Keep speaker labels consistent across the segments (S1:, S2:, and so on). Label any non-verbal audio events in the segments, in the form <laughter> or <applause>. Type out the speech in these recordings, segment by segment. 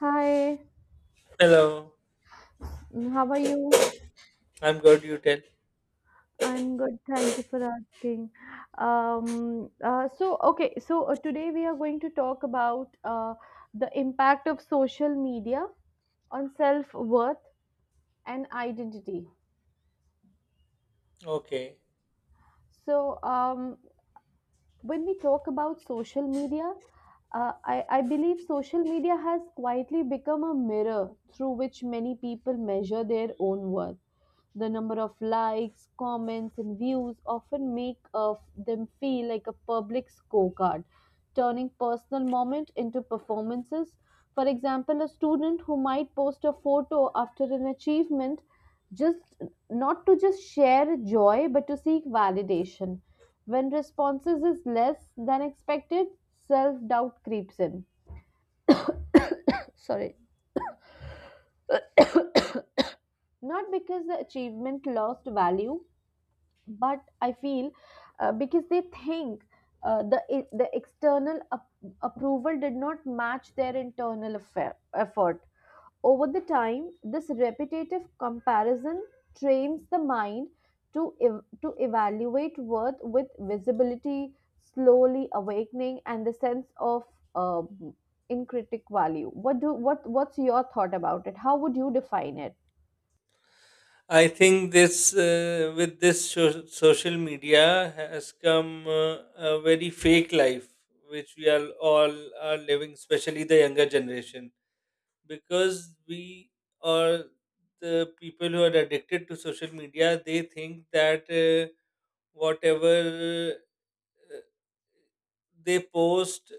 S1: Hi,
S2: Hello,
S1: how are you?
S2: I'm good. You tell.
S1: I'm good, thank you for asking. So, okay, so today we are going to talk about the impact of social media on self-worth and identity.
S2: Okay.
S1: So, when we talk about social media, I believe social media has quietly become a mirror through which many people measure their own worth. The number of likes, comments, and views often make them feel like a public scorecard, turning personal moment into performances. For example, a student who might post a photo after an achievement just not to just share joy but to seek validation. When responses is less than expected, self-doubt creeps in. Sorry, not because the achievement lost value, but I feel because they think the external approval did not match their internal affair, effort. Over the time, this repetitive comparison trains the mind to evaluate worth with visibility, slowly awakening and the sense of uh, in value. What do what what's your thought about it? How would you define it?
S2: I think this with this so- social media has come a very fake life which we are all are living, especially the younger generation, because we are the people who are addicted to social media. They think that whatever uh, they post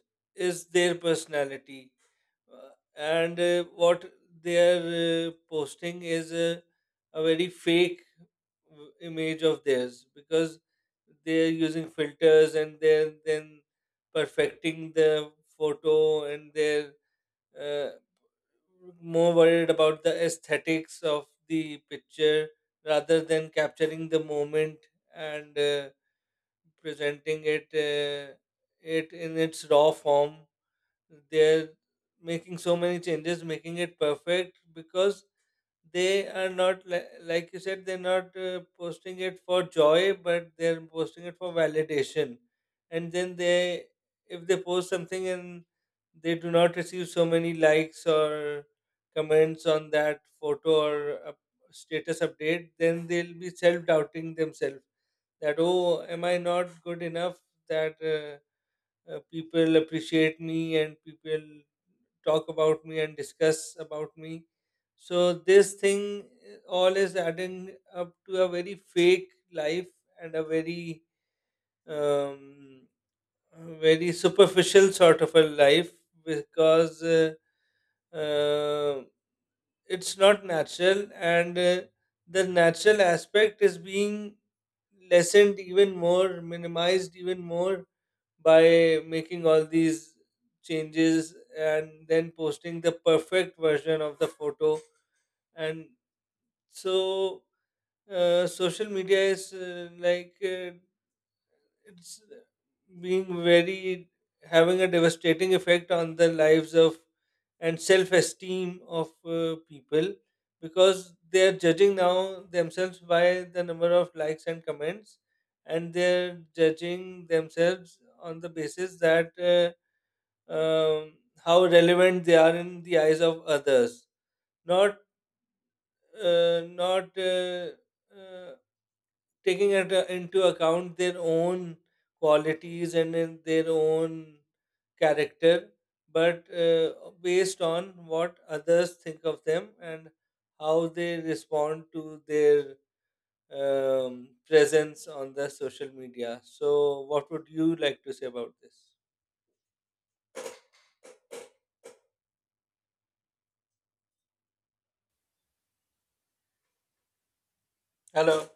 S2: is their personality, uh, and what they are posting is a very fake image of theirs, because they are using filters and they're then perfecting the photo, and they're uh, more worried about the aesthetics of the picture rather than capturing the moment and presenting it in its raw form. They're making so many changes, making it perfect, because they are not li- like you said, they're not posting it for joy but they're posting it for validation. And then, they if they post something and they do not receive so many likes or comments on that photo or up status update, then they'll be self-doubting themselves that, oh, am I not good enough, that people appreciate me and people talk about me and discuss about me. So this thing, all is adding up to a very fake life and a very um, very superficial sort of a life, because uh, it's not natural, and the natural aspect is being lessened even more, minimized even more, by making all these changes and then posting the perfect version of the photo. And so, social media is, like it's being very, having a devastating effect on the lives of and self-esteem of people, because they are judging now themselves by the number of likes and comments, and they're judging themselves on the basis that, um, how relevant they are in the eyes of others, not uh, not uh, uh, taking it into account their own qualities and in their own character, but based on what others think of them and how they respond to their presence on the social media. So, what would you like to say about this? Hello.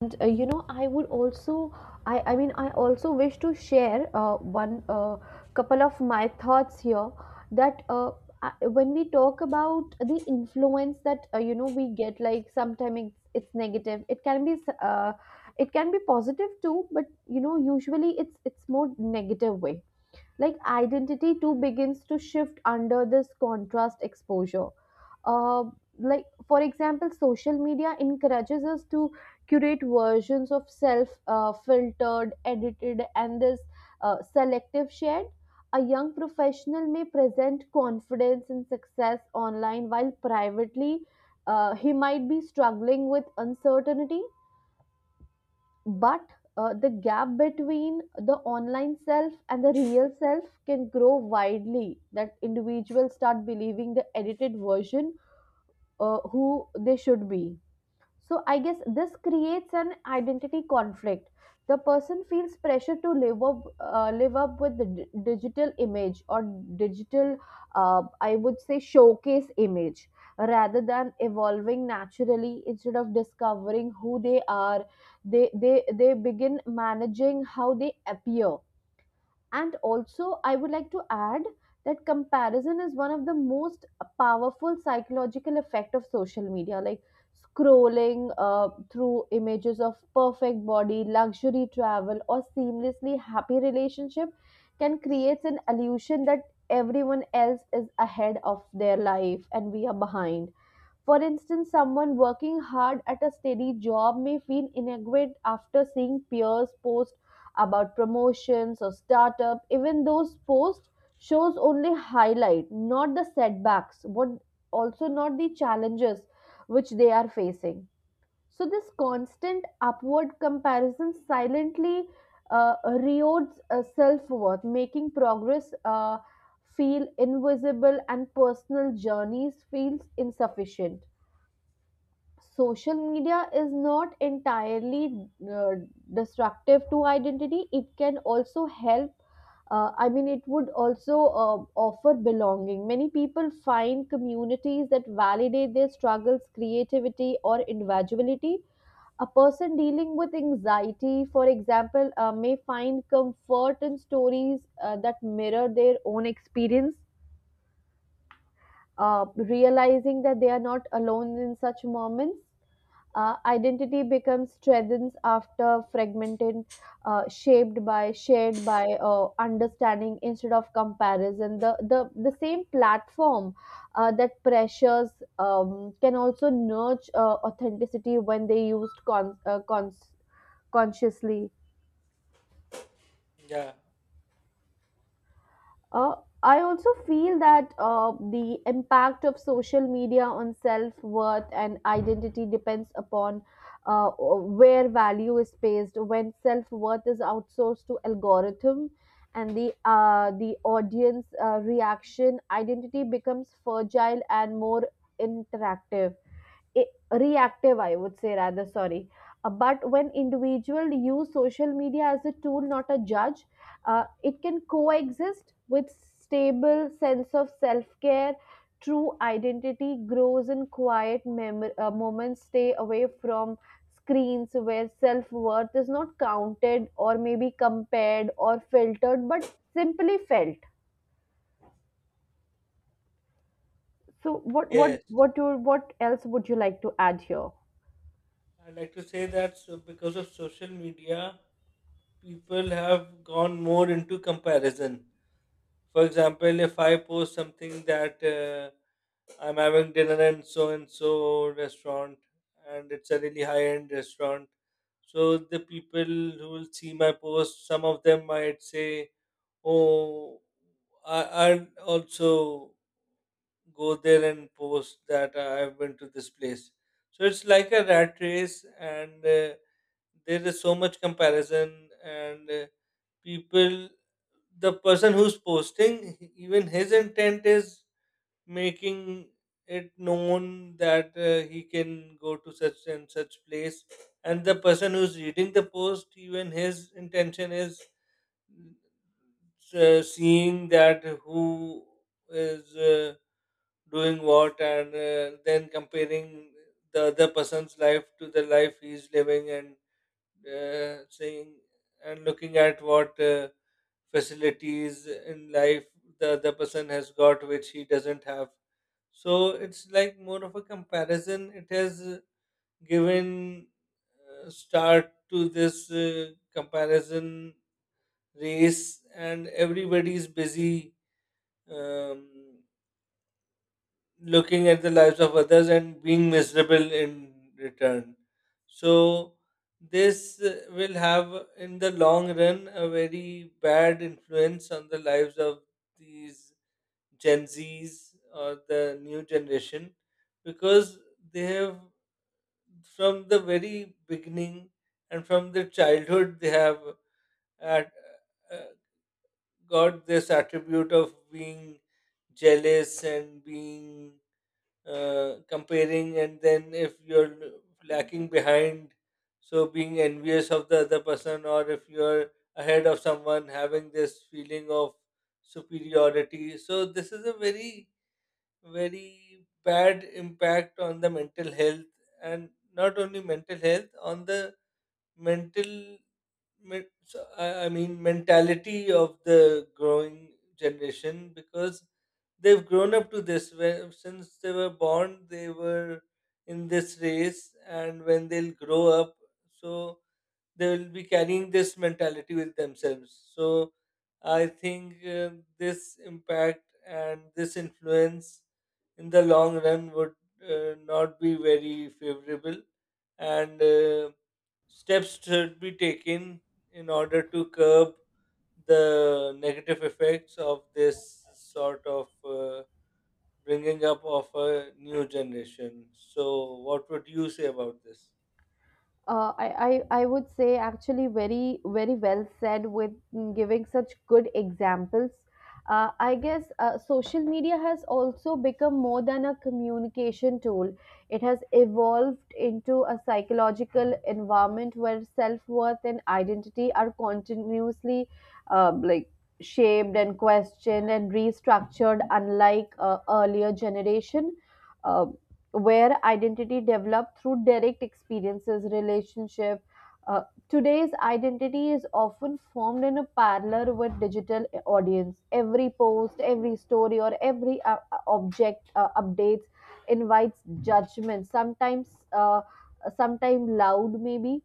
S1: And you know, I would also, I also wish to share one couple of my thoughts here that uh, when we talk about the influence that you know we get, like sometimes it's negative. It can be, it can be positive too, but you know, usually it's more negative way. Like identity too begins to shift under this contrast exposure. uh,, like for example, social media encourages us to curate versions of self, filtered, edited, and this selective shared. A young professional may present confidence and success online while privately he might be struggling with uncertainty, but the gap between the online self and the real self can grow widely that individuals start believing the edited version, who they should be. So I guess this creates an identity conflict. The person feels pressure to live up with the digital image, or digital, I would say, showcase image, rather than evolving naturally. Instead of discovering who they are, they begin managing how they appear. And also, I would like to add that comparison is one of the most powerful psychological effect of social media. Like scrolling through images of perfect body, luxury travel, or seamlessly happy relationship can create an illusion that everyone else is ahead of their life and we are behind. For instance, someone working hard at a steady job may feel inadequate after seeing peers post about promotions or startup, even those posts shows only highlight, not the setbacks, but also not the challenges which they are facing. So this constant upward comparison silently erodes self-worth, making progress feel invisible and personal journeys feels insufficient. Social media is not entirely destructive to identity. It can also help, I mean it would also uh, offer belonging. Many people find communities that validate their struggles, creativity, or individuality. A person dealing with anxiety, for example, may find comfort in stories that mirror their own experience, realizing that they are not alone in such moments. Identity becomes strengthened after fragmented, shaped by, shared by understanding instead of comparison. The same platform that pressures can also nurture authenticity when they used consciously.
S2: Yeah.
S1: Uh, I also feel that the impact of social media on self worth and identity depends upon where value is placed. When self worth is outsourced to algorithm and the audience reaction, identity becomes fragile and more interactive, reactive, I would say, rather, sorry. But when individuals use social media as a tool, not a judge, it can coexist with stable sense of self-care. True identity grows in quiet moments, stay away from screens, where self-worth is not counted or maybe compared or filtered, but simply felt. So, what, what,
S2: Yes,
S1: what, you, what else would you like to add here?
S2: I'd like to say that, so, because of social media, people have gone more into comparison. For example, if I post something that, I'm having dinner in so and so restaurant, and it's a really high end restaurant, so the people who will see my post, some of them might say, oh, I, I'd also go there and post that I've been to this place. So it's like a rat race, and there is so much comparison, and people, the person who's posting, even his intent is making it known that he can go to such and such place, and the person who's reading the post, even his intention is seeing that who is doing what, and then comparing the other person's life to the life he's living, and saying and looking at what facilities in life the other person has got which he doesn't have. So it's like more of a comparison. It has given start to this comparison race, and everybody is busy, um, looking at the lives of others and being miserable in return. So this will have, in the long run, a very bad influence on the lives of these Gen Z's or the new generation, because they have, from the very beginning and from their childhood, they have at, uh, got this attribute of being jealous and being comparing, and then if you're lacking behind, so being envious of the other person, or if you're ahead of someone, having this feeling of superiority. So this is a very, very bad impact on the mental health, and not only mental health, on the mental mentality of the growing generation, because they've grown up to this, where since they were born they were in this race, and when they'll grow up, so they will be carrying this mentality with themselves. So I think this impact and this influence in the long run would not be very favorable, and steps should be taken in order to curb the negative effects of this sort of bringing up of a new generation. So, what would you say about this?
S1: Uh, I, I would say actually very very well said with giving such good examples. I guess social media has also become more than a communication tool. It has evolved into a psychological environment where self worth and identity are continuously like shaped and questioned and restructured, unlike earlier generation. Um, where identity developed through direct experiences relationship, uh, today's identity is often formed in a parallel with digital audience. Every post, every story, or every object updates invites judgment, sometimes sometimes loud maybe,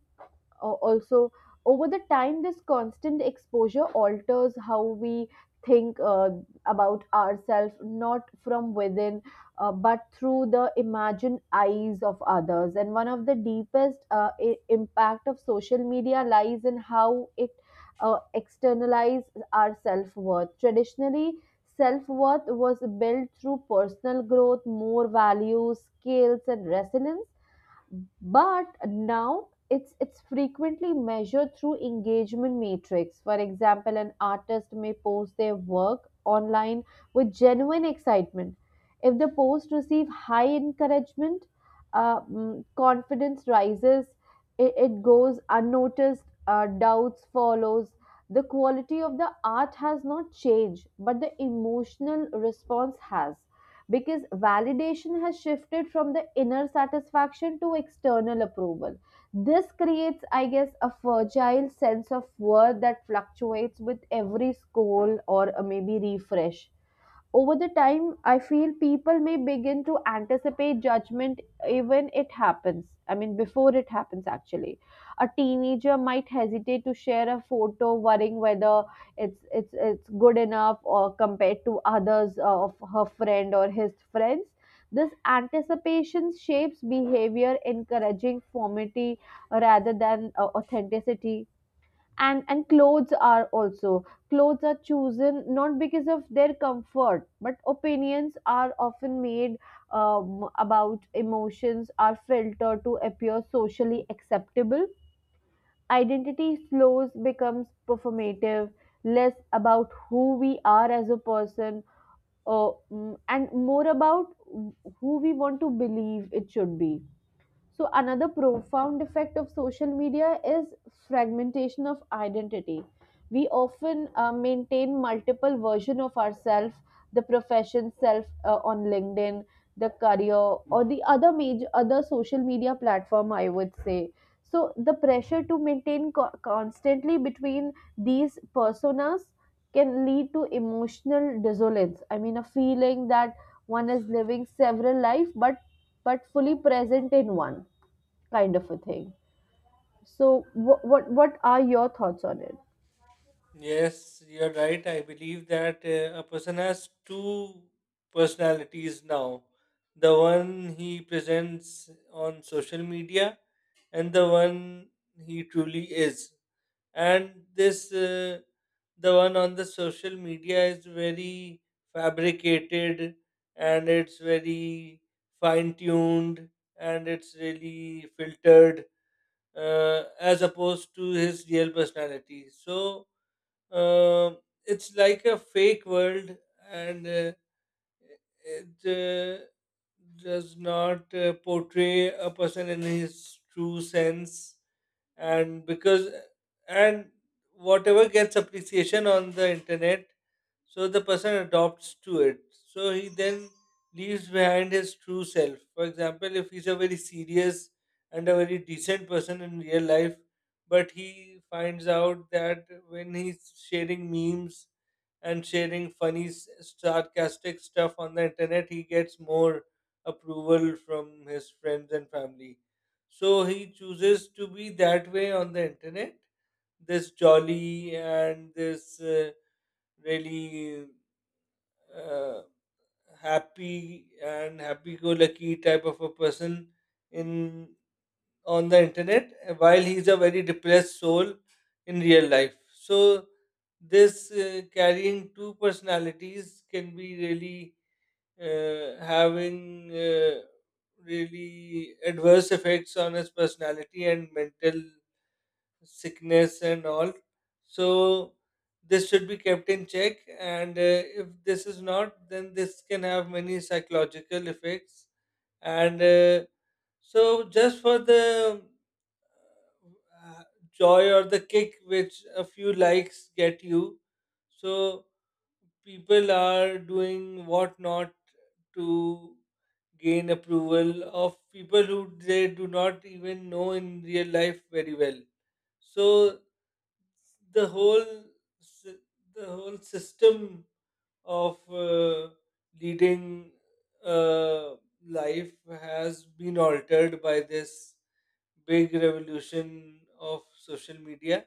S1: also over the time this constant exposure alters how we think about ourselves, not from within, but through the imagined eyes of others. And one of the deepest impact of social media lies in how it externalizes our self-worth. Traditionally, self-worth was built through personal growth, more values, skills, and resilience, but now it's frequently measured through engagement matrix. For example, an artist may post their work online with genuine excitement. If the post receive high encouragement, confidence rises. It goes unnoticed, doubts follows. The quality of the art has not changed, but the emotional response has, because validation has shifted from the inner satisfaction to external approval. This creates, I guess, a fragile sense of worth that fluctuates with every scroll or maybe refresh. Over the time, I feel people may begin to anticipate judgment even it happens. I mean, before it happens, actually, a teenager might hesitate to share a photo, worrying whether it's good enough or compared to others of her friend or his friends. This anticipation shapes behavior, encouraging formality rather than authenticity. And clothes are also, clothes are chosen not because of their comfort, but opinions are often made about emotions, are filtered to appear socially acceptable. Identity slows becomes performative, less about who we are as a person, and more about who we want to believe it should be. So another profound effect of social media is fragmentation of identity. We often maintain multiple versions of ourselves, the profession self on LinkedIn, the career, or the other major other social media platform, I would say. So the pressure to maintain constantly between these personas can lead to emotional dissonance. I mean a feeling that one is living several life, but fully present in one, kind of a thing. So what are your thoughts on it?
S2: Yes, you're right. I believe that a person has two personalities now, the one he presents on social media and the one he truly is. And the one on the social media is very fabricated, and it's very fine tuned, and it's really filtered, as opposed to his real personality. So, uh, it's like a fake world, and it uh, does not portray a person in his true sense. And because and whatever gets appreciation on the internet, so the person adopts to it. So he then leaves behind his true self. For example, if he's a very serious and a very decent person in real life, but he finds out that when he's sharing memes and sharing sarcastic stuff on the internet, he gets more approval from his friends and family. So he chooses to be that way on the internet, this jolly and this really uh, happy and happy-go-lucky type of a person in on the internet, while he's a very depressed soul in real life. So this carrying two personalities can be really having really adverse effects on his personality and mental sickness and all. So this should be kept in check. And if this is not, then this can have many psychological effects. And so just for the uh, joy or the kick which a few likes get you, so people are doing what not to gain approval of people who they do not even know in real life very well. So the sy- the whole system of uh, leading uh, life has been altered by this big revolution of social media,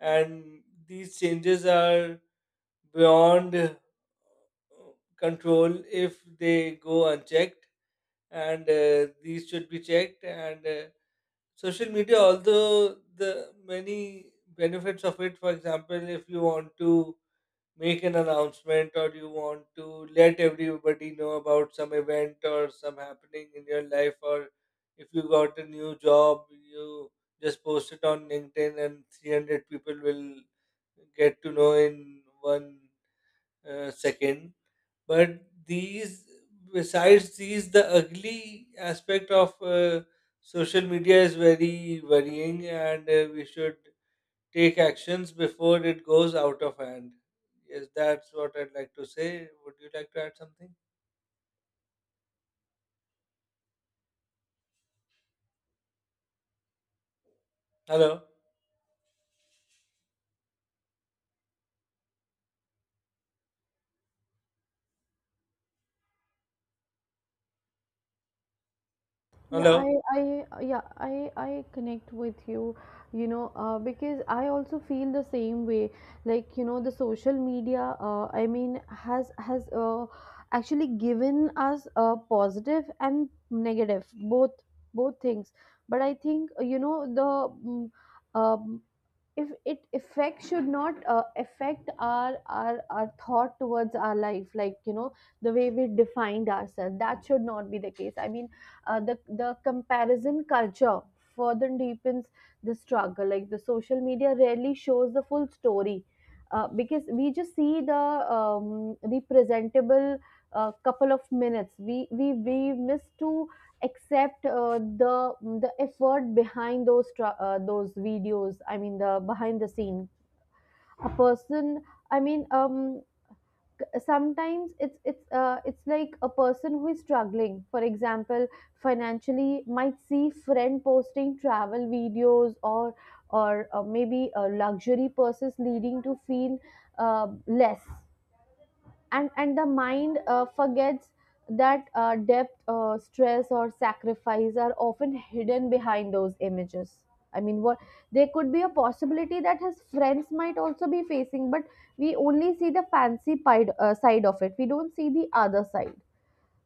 S2: and these changes are beyond control if they go unchecked, and these should be checked. And social media, although the many benefits of it, for example, if you want to make an announcement or you want to let everybody know about some event or some happening in your life, or if you got a new job, you just post it on LinkedIn and 300 people will get to know in one second. But these, besides these, the ugly aspect of social media is very worrying, and we should take actions before it goes out of hand. Yes, that's what I'd like to say. Would you like to add something? Hello.
S1: Yeah,
S2: Hello.
S1: I, yeah, I connect with you, you know, because I also feel the same way. Like, you know, the social media, I mean, has actually given us a positive and negative, both things. But I think, you know, mm, um, if it effect should not affect our thought towards our life, like you know, the way we defined ourselves, that should not be the case. I mean, the comparison culture further deepens the struggle. Like, the social media rarely shows the full story, because we just see the, the presentable couple of minutes. We miss to except the effort behind those those videos, I mean the behind the scene. A person, I mean, sometimes it's like a person who is struggling, for example, financially might see friend posting travel videos, or maybe luxury purses, leading to feel less. And the mind forgets that depth, stress, or sacrifice are often hidden behind those images. I mean, what, there could be a possibility that his friends might also be facing, but we only see the fancy side of it. We don't see the other side.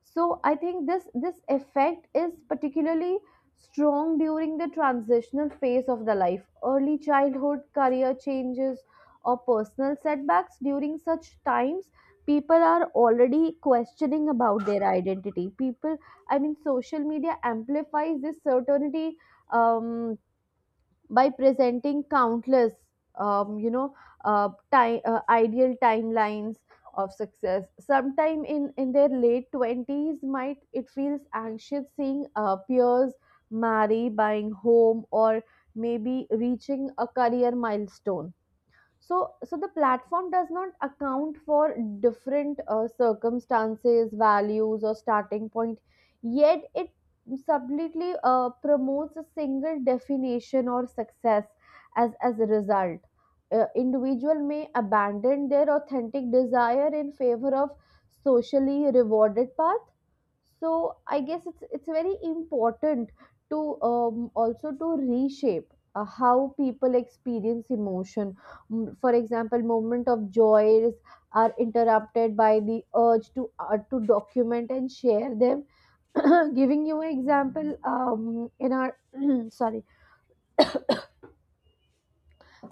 S1: So I think this effect is particularly strong during the transitional phase of the life, early childhood, career changes, or personal setbacks. During such times, people are already questioning about their identity, people. I mean social media amplifies this certainty, um, by presenting countless, you know, ideal timelines of success. Sometime in their late 20s might it feels anxious seeing peers marry, buying home, or maybe reaching a career milestone. So the platform does not account for different circumstances, values, or starting point, yet it subtly promotes a single definition or success. As a result, individual may abandon their authentic desire in favor of socially rewarded path. So I guess it's very important to, also to reshape how people experience emotion. For example, moment of joys are interrupted by the urge to document and share them. <clears throat> Giving you an example, in our <clears throat> sorry,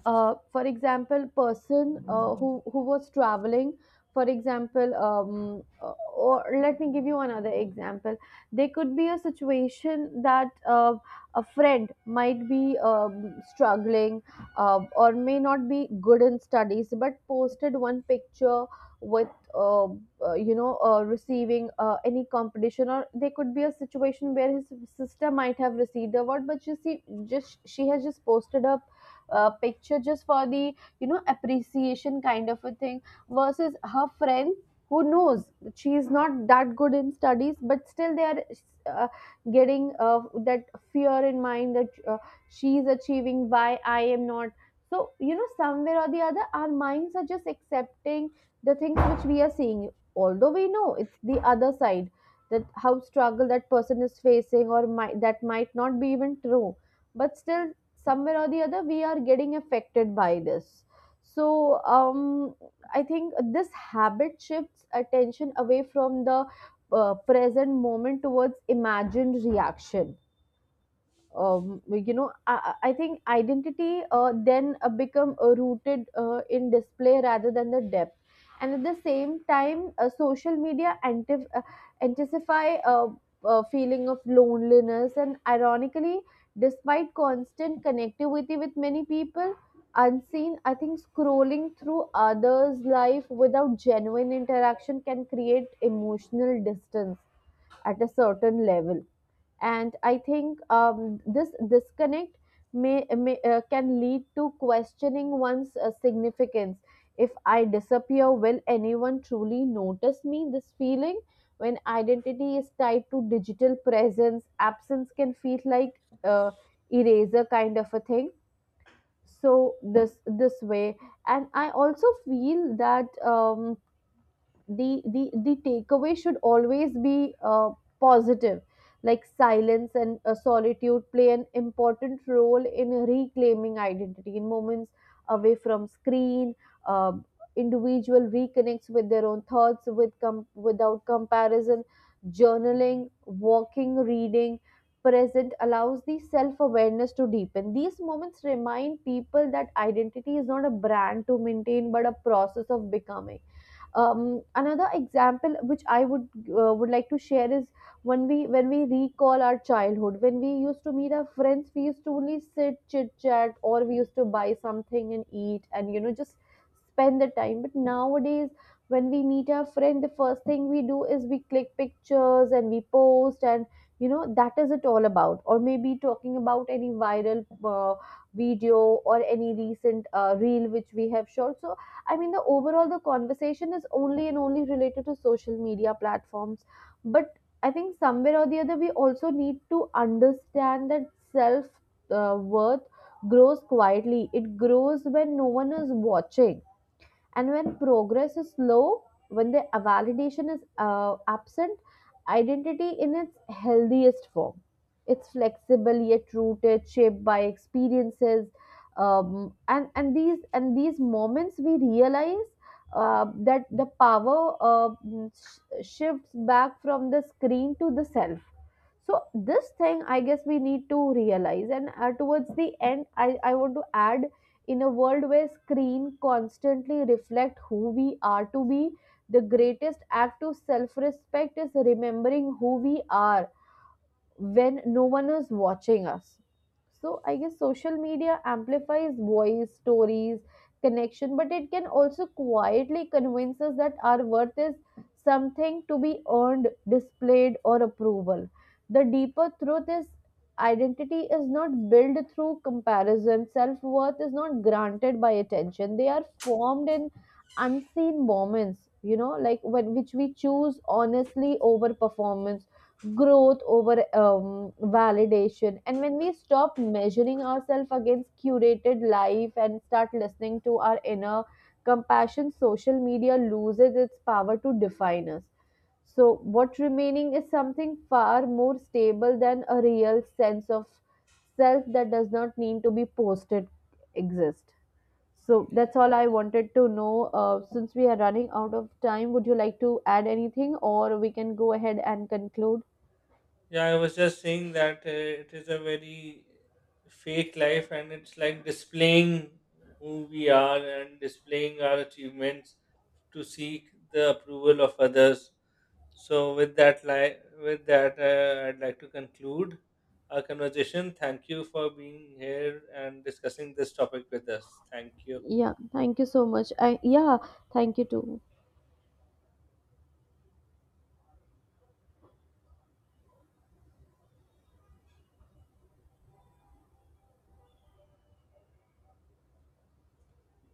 S1: for example, person who was traveling, for example, or let me give you another example. There could be a situation that a friend might be struggling, or may not be good in studies, but posted one picture with. Uh, receiving any competition, or there could be a situation where his sister might have received a award, but you see, just she has just posted a picture just for the appreciation kind of a thing versus her friend who knows that she's not that good in studies but still they are uh, getting that fear in mind that she's achieving, why I am not? So you know, somewhere or the other our minds are just accepting the things which we are seeing, although we know it's the other side, that how struggle that person is facing, or might, that might not be even true, but still somewhere or the other we are getting affected by this. So I think this habit shifts attention away from the present moment towards imagined reaction. You know, I think identity then become rooted in display rather than the depth. And at the same time, social media intensify feeling of loneliness, and ironically, despite constant connectivity with many people unseen, I think scrolling through others life without genuine interaction can create emotional distance at a certain level. And I think this disconnect may can lead to questioning one's significance. If I disappear, will anyone truly notice me? This feeling, when identity is tied to digital presence, absence can feel like eraser kind of a thing. So this way. And I also feel that the takeaway should always be positive. Like silence and solitude play an important role in reclaiming identity. In moments away from screen, uh, individual reconnects with their own thoughts, without comparison. Journaling, walking, reading present allows the self awareness to deepen. These moments remind people that identity is not a brand to maintain, but a process of becoming. Another example which I would like to share is, when we recall our childhood, when we used to meet our friends, we used to only sit, chit chat, or we used to buy something and eat, and you know, just spend the time. But nowadays when we meet our friend, the first thing we do is we click pictures and we post, and you know, that is it all about. Or maybe talking about any viral video, or any recent reel which we have shot. So I mean, the overall the conversation is only and only related to social media platforms. But I think somewhere or the other we also need to understand that self worth grows quietly. It grows when no one is watching, and when progress is slow, when the validation is absent. Identity, in its healthiest form, it's flexible yet rooted, shaped by experiences. And these moments we realize that the power shifts back from the screen to the self. So this thing I guess we need to realize. And towards the end, I want to add, in a world where screen constantly reflect who we are to be, the greatest act of self-respect is remembering who we are when no one is watching us. So I guess social media amplifies voice, stories, connection, but it can also quietly convince us that our worth is something to be earned, displayed, or approval. The deeper truth is, identity is not built through comparison, self worth is not granted by attention. They are formed in unseen moments, you know, like when which we choose honestly over performance, growth over validation. And when we stop measuring ourselves against curated life and start listening to our inner compassion, social media loses its power to define us. So what remaining is something far more stable than a real sense of self that does not need to be posted, exist. So
S2: Yeah,
S1: that's all I wanted to know. Since we are running out of time, would you like to add anything, or we can go ahead and conclude?
S2: yeah, I was just saying that it is a very fake life, and it's like displaying who we are and displaying our achievements to seek the approval of others. So, with that, with that, I'd like to conclude our conversation. Thank you for being here and discussing this topic with us. Thank you.
S1: Yeah, thank you so much. Thank you too.